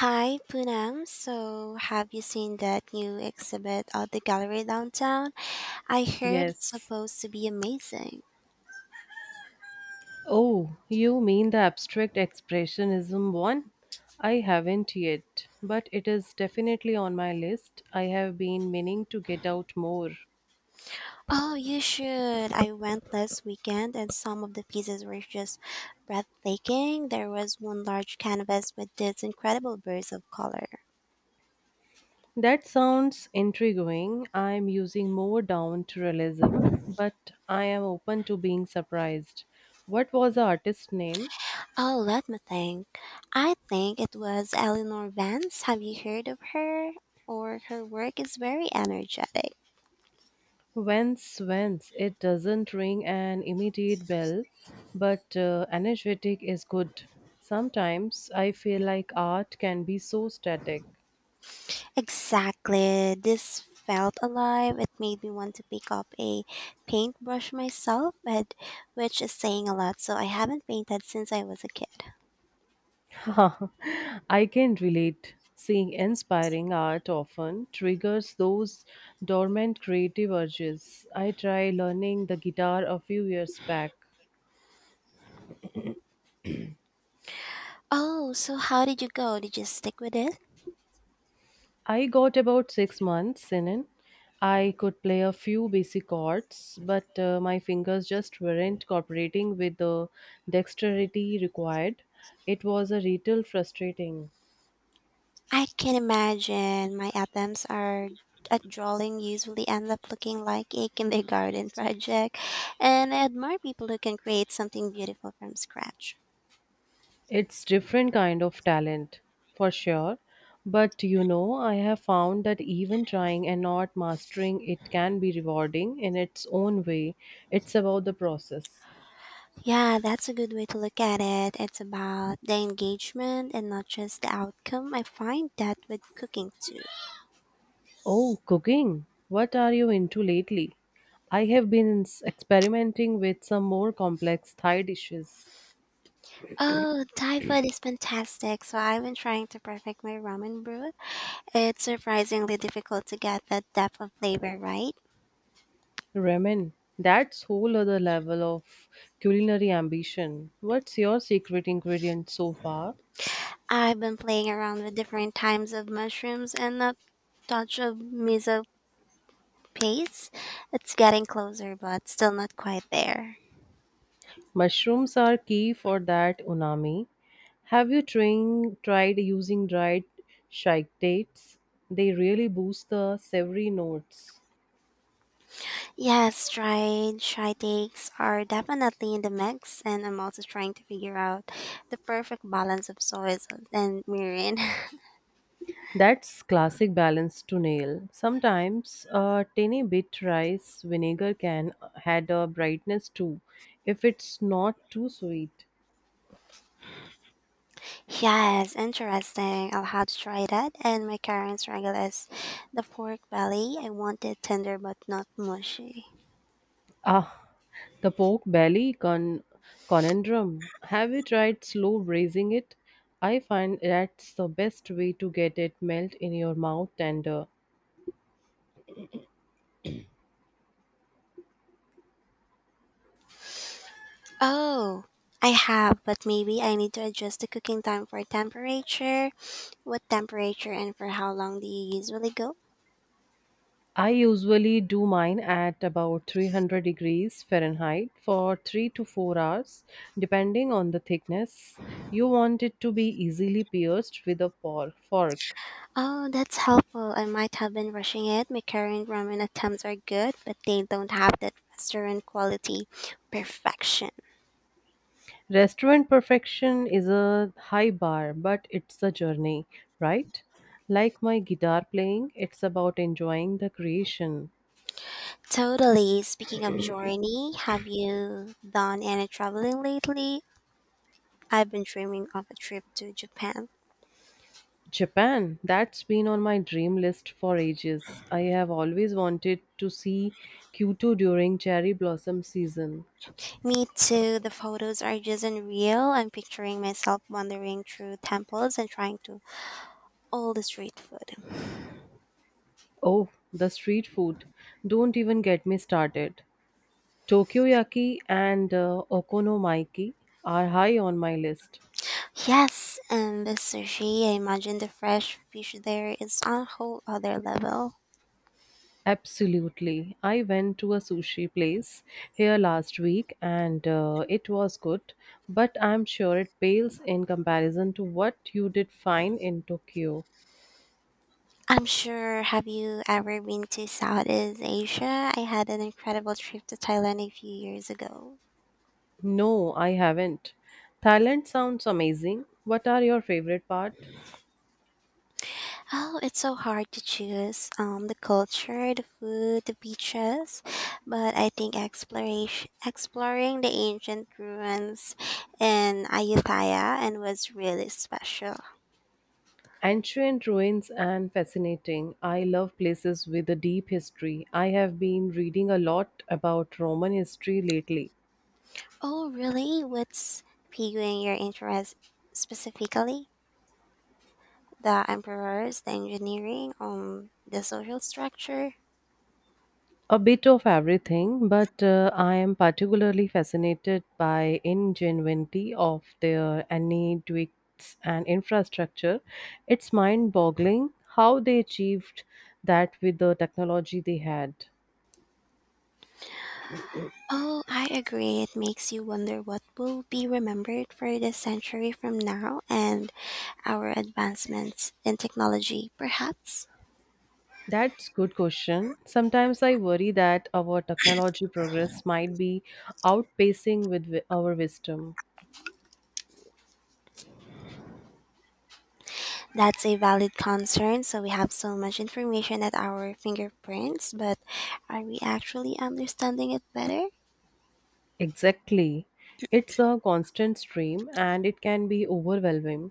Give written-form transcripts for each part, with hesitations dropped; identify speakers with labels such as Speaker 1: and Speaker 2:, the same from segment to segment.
Speaker 1: Hi, Poonam. So, have you seen that new exhibit at the gallery downtown? I heard it's
Speaker 2: Yes.
Speaker 1: supposed to be amazing.
Speaker 2: Oh, you mean the abstract expressionism one? I haven't yet, but it is definitely on my list. I have been meaning to get out more.
Speaker 1: Oh, you should. I went last weekend and some of the pieces were just breathtaking. There was one large canvas with these incredible bursts of color.
Speaker 2: That sounds intriguing. I am using more down to realism, but I am open to being surprised. What was the artist's name?
Speaker 1: Oh, let me think. I think it was Eleanor Vance. Have you heard of her? Or her work is very energetic.
Speaker 2: Whence, it doesn't ring an immediate bell, but energetic is good. Sometimes I feel like art can be so static.
Speaker 1: Exactly. This felt alive. It made me want to pick up a paintbrush myself, but which is saying a lot. So I haven't painted since I was a kid.
Speaker 2: I can relate. Seeing inspiring art often triggers those dormant creative urges. I tried learning the guitar a few years back.
Speaker 1: Oh, so how did you go? Did you stick with it?
Speaker 2: I got about 6 months in. It. I could play a few basic chords, but my fingers just weren't cooperating with the dexterity required. It was a little frustrating.
Speaker 1: I can imagine my attempts are at drawing usually end up looking like a kindergarten project, and I admire people who can create something beautiful from scratch.
Speaker 2: It's different kind of talent, for sure. But I have found that even trying and not mastering it can be rewarding in its own way. It's about the process.
Speaker 1: Yeah, that's a good way to look at it. It's about the engagement and not just the outcome. I find that with cooking too.
Speaker 2: Oh, cooking. What are you into lately? I have been experimenting with some more complex Thai dishes.
Speaker 1: Oh, Thai food is fantastic. So I've been trying to perfect my ramen broth. It's surprisingly difficult to get that depth of flavor right.
Speaker 2: Ramen. That's whole other level of culinary ambition. What's your secret ingredient so far?
Speaker 1: I've been playing around with different times of mushrooms and a touch of miso paste. It's getting closer, but still not quite there.
Speaker 2: Mushrooms are key for that unami. Have you tried using dried shake. They really boost the savory notes.
Speaker 1: Yes, try takes are definitely in the mix, and I'm also trying to figure out the perfect balance of soy sauce and mirin.
Speaker 2: That's classic balance to nail. Sometimes a tiny bit rice vinegar can add a brightness too, if it's not too sweet.
Speaker 1: Yes, interesting. I'll have to try that. And my current struggle is the pork belly. I want it tender but not mushy.
Speaker 2: Ah, the pork belly conundrum. Have you tried slow braising it? I find that's the best way to get it melt in your mouth tender.
Speaker 1: Oh, I have, but maybe I need to adjust the cooking time for temperature. What temperature and for how long do you usually go?
Speaker 2: I usually do mine at about 300 degrees Fahrenheit for 3 to 4 hours, depending on the thickness. You want it to be easily pierced with a fork.
Speaker 1: Oh, that's helpful. I might have been rushing it. My current ramen attempts are good, but they don't have that restaurant quality perfection.
Speaker 2: Restaurant perfection is a high bar, but it's a journey, right? Like my guitar playing, it's about enjoying the creation.
Speaker 1: Totally. Speaking of journey, have you done any traveling lately? I've been dreaming of a trip to Japan.
Speaker 2: Japan, that's been on my dream list for ages. I have always wanted to see Kyoto during cherry blossom season.
Speaker 1: Me too. The photos are just unreal. I'm picturing myself wandering through temples and trying to all the street food.
Speaker 2: Oh, the street food. Don't even get me started. Tokyoyaki and okonomiyaki are high on my list.
Speaker 1: Yes, and the sushi. I imagine the fresh fish there is on a whole other level.
Speaker 2: Absolutely. I went to a sushi place here last week and it was good, but I'm sure it pales in comparison to what you did find in Tokyo.
Speaker 1: I'm sure. Have you ever been to Southeast Asia? I had an incredible trip to Thailand a few years ago.
Speaker 2: No, I haven't. Thailand sounds amazing. What are your favorite part?
Speaker 1: Oh, it's so hard to choose. The culture, the food, the beaches, but I think exploration, exploring the ancient ruins in Ayutthaya and was really special.
Speaker 2: Ancient ruins and fascinating. I love places with a deep history. I have been reading a lot about Roman history lately.
Speaker 1: Oh, really? What's piquing your interest specifically? The emperors, the engineering, the social structure.
Speaker 2: A bit of everything, but I am particularly fascinated by ingenuity of their aqueducts and infrastructure. It's mind-boggling how they achieved that with the technology they had.
Speaker 1: Oh, I agree. It makes you wonder what will be remembered for this century from now and our advancements in technology, perhaps.
Speaker 2: That's good question. Sometimes I worry that our technology progress might be outpacing with our wisdom.
Speaker 1: That's a valid concern. So we have so much information at our fingerprints, but are we actually understanding it better?
Speaker 2: Exactly. It's a constant stream and it can be overwhelming.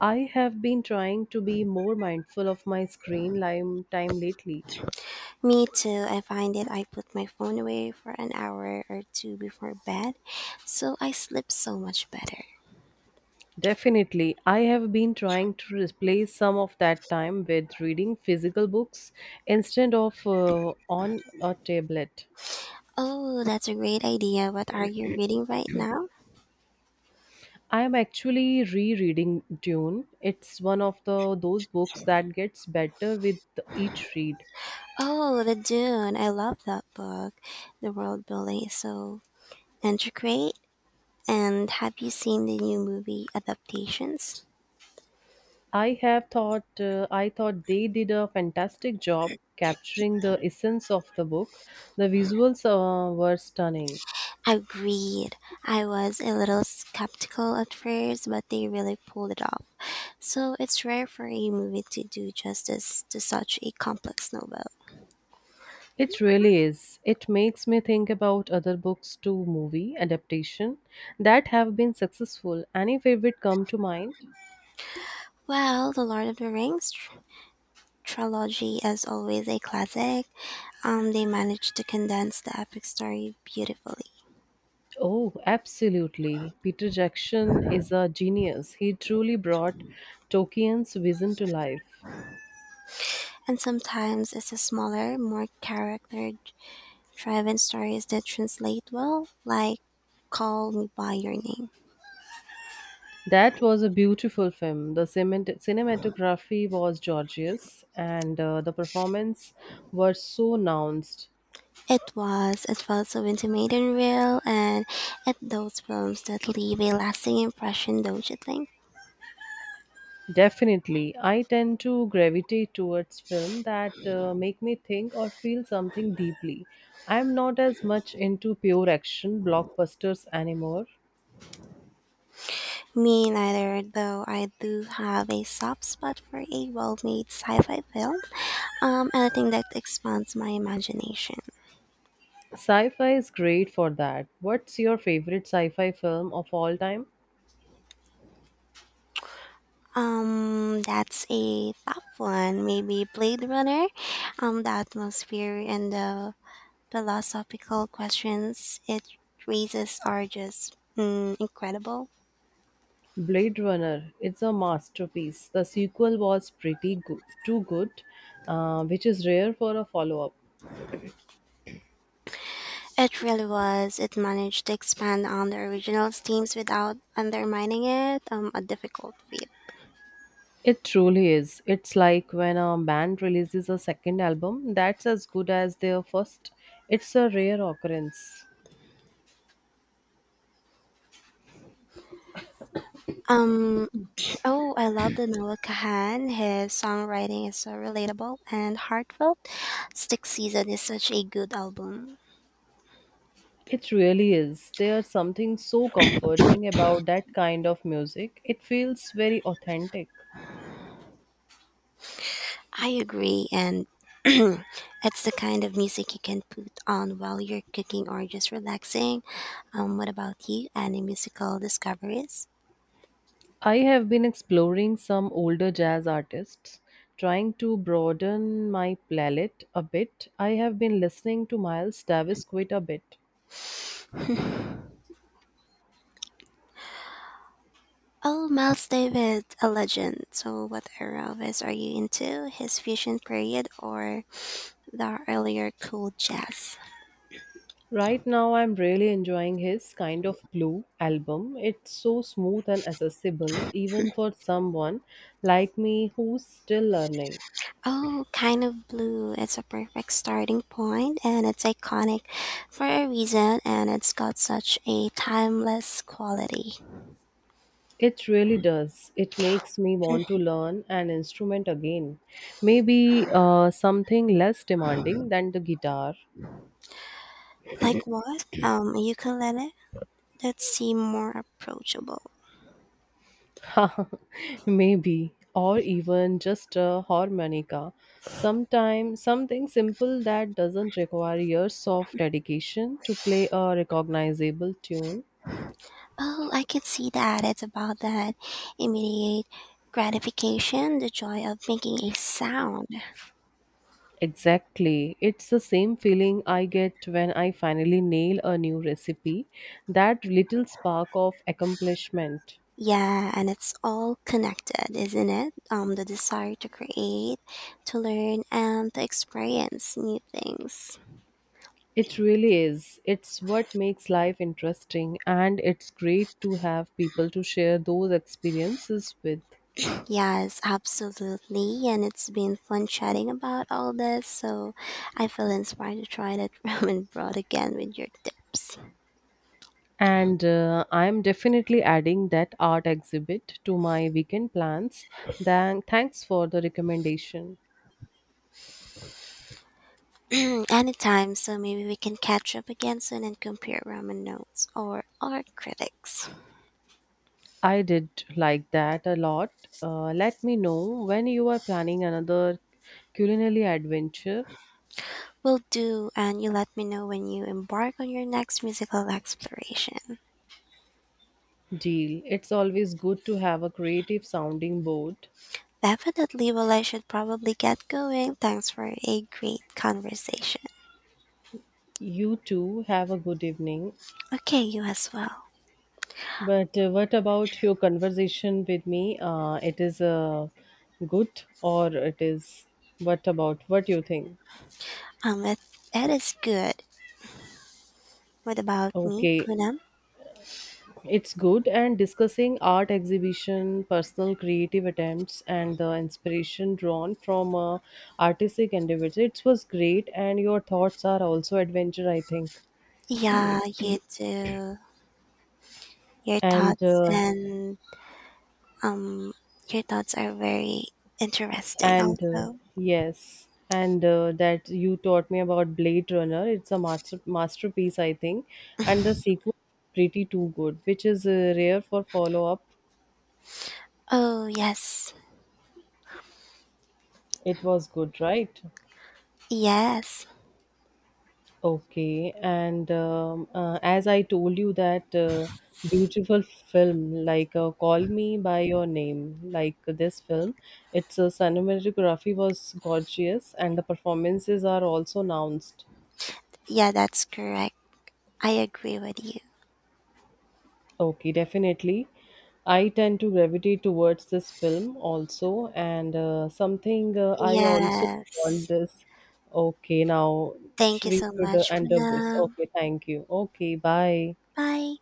Speaker 2: I have been trying to be more mindful of my screen time lately.
Speaker 1: Me too. I find that I put my phone away for an hour or two before bed, so I sleep so much better.
Speaker 2: Definitely. I have been trying to replace some of that time with reading physical books instead of on a tablet.
Speaker 1: Oh, that's a great idea. What are you reading right now?
Speaker 2: I'm actually rereading Dune. It's one of the those books that gets better with each read.
Speaker 1: Oh, The Dune. I love that book. The world building is so intricate. And have you seen the new movie adaptations?
Speaker 2: I thought they did a fantastic job capturing the essence of the book. The visuals were stunning.
Speaker 1: Agreed. I was a little skeptical at first, but they really pulled it off. So it's rare for a movie to do justice to such a complex novel.
Speaker 2: It really is. It makes me think about other books to movie adaptation that have been successful. Any favorite come to mind?
Speaker 1: Well, The Lord of the Rings trilogy is always a classic. They managed to condense the epic story beautifully.
Speaker 2: Oh, absolutely. Peter Jackson is a genius. He truly brought Tolkien's vision to life.
Speaker 1: And sometimes it's the smaller, more character driven stories that translate well, like Call Me By Your Name.
Speaker 2: That was a beautiful film. The cinematography was gorgeous, and the performance were so nuanced.
Speaker 1: It was, it felt so intimate and real, and at those films that leave a lasting impression, don't you think?
Speaker 2: Definitely, I tend to gravitate towards film that make me think or feel something deeply. I'm not as much into pure action blockbusters anymore.
Speaker 1: Me neither, though I do have a soft spot for a well made sci fi film, anything that expands my imagination.
Speaker 2: Sci-fi is great for that. What's your favorite sci-fi film of all time?
Speaker 1: That's a tough one. Maybe Blade Runner. The atmosphere and the philosophical questions it raises are just incredible.
Speaker 2: Blade Runner, it's a masterpiece. The sequel was pretty good, too good, which is rare for a follow up.
Speaker 1: It really was. It managed to expand on the original themes without undermining it. A difficult feat.
Speaker 2: It truly is. It's like when a band releases a second album that's as good as their first. It's a rare occurrence.
Speaker 1: Um, oh, I love the Noah Kahan. His songwriting is so relatable and heartfelt. Stick Season is such a good album.
Speaker 2: It really is. There's something so comforting about that kind of music. It feels very authentic.
Speaker 1: I agree, and it's the kind of music you can put on while you're cooking or just relaxing. What about you? Any musical discoveries?
Speaker 2: I have been exploring some older jazz artists, trying to broaden my palette a bit. I have been listening to Miles Davis quite a bit.
Speaker 1: Oh, Miles David, a legend. So, what era of his are you into? His fusion period or the earlier cool jazz?
Speaker 2: Right now, I'm really enjoying his Kind of Blue album. It's so smooth and accessible, even for someone like me who's still learning.
Speaker 1: Oh, kind of blue. It's a perfect starting point, and it's iconic for a reason, and it's got such a timeless quality.
Speaker 2: It really does. It makes me want to learn an instrument again. Maybe something less demanding than the guitar.
Speaker 1: Like what? A ukulele? That seem more approachable.
Speaker 2: Maybe, or even just a harmonica. Sometimes something simple that doesn't require years of dedication to play a recognizable tune.
Speaker 1: Oh, I could see that. It's about that immediate gratification, the joy of making a sound.
Speaker 2: Exactly. It's the same feeling I get when I finally nail a new recipe, that little spark of accomplishment.
Speaker 1: Yeah, and it's all connected, isn't it? The desire to create, to learn, and to experience new things.
Speaker 2: It really is. It's what makes life interesting and it's great to have people to share those experiences with.
Speaker 1: Yes, absolutely. And it's been fun chatting about all this, so I feel inspired to try that ramen broth again with your tips.
Speaker 2: And I'm definitely adding that art exhibit to my weekend plans. Then thanks for the recommendation.
Speaker 1: Anytime, so maybe we can catch up again soon and compare ramen notes or our critics.
Speaker 2: I did like that a lot. Let me know when you are planning another culinary adventure
Speaker 1: Will do, and you let me know when you embark on your next musical exploration.
Speaker 2: deal. It's always good to have a creative sounding board.
Speaker 1: Definitely, well, I should probably get going. Thanks for a great conversation.
Speaker 2: You too have a good evening.
Speaker 1: Okay, you as well.
Speaker 2: But what about your conversation with me? It is good or it is what about what you think?
Speaker 1: Um, it, it is good. What about me,
Speaker 2: Okay,
Speaker 1: Poonam?
Speaker 2: it's good. And discussing art exhibition, personal creative attempts, and the inspiration drawn from artistic endeavors. It was great, and your thoughts are also adventure, I think.
Speaker 1: Yeah, you too. Your
Speaker 2: And
Speaker 1: thoughts
Speaker 2: uh,
Speaker 1: and um, your thoughts are very interesting.
Speaker 2: and
Speaker 1: Also,
Speaker 2: yes, and that you taught me about Blade Runner. It's a masterpiece, I think, and the sequel pretty too good, which is rare for follow up.
Speaker 1: oh yes.
Speaker 2: It was good, right?
Speaker 1: Yes.
Speaker 2: Okay, and as I told you that beautiful film, like Call Me by Your Name, like this film, its cinematography was gorgeous and the performances are also announced.
Speaker 1: Yeah, that's correct. I agree with you.
Speaker 2: Okay, definitely. I tend to gravitate towards this film also, and something I also want
Speaker 1: Yes.
Speaker 2: this. Okay, now
Speaker 1: Thank you
Speaker 2: we
Speaker 1: so
Speaker 2: should
Speaker 1: much,
Speaker 2: end up this.
Speaker 1: Puna.
Speaker 2: Okay, thank you. Okay, bye.
Speaker 1: Bye.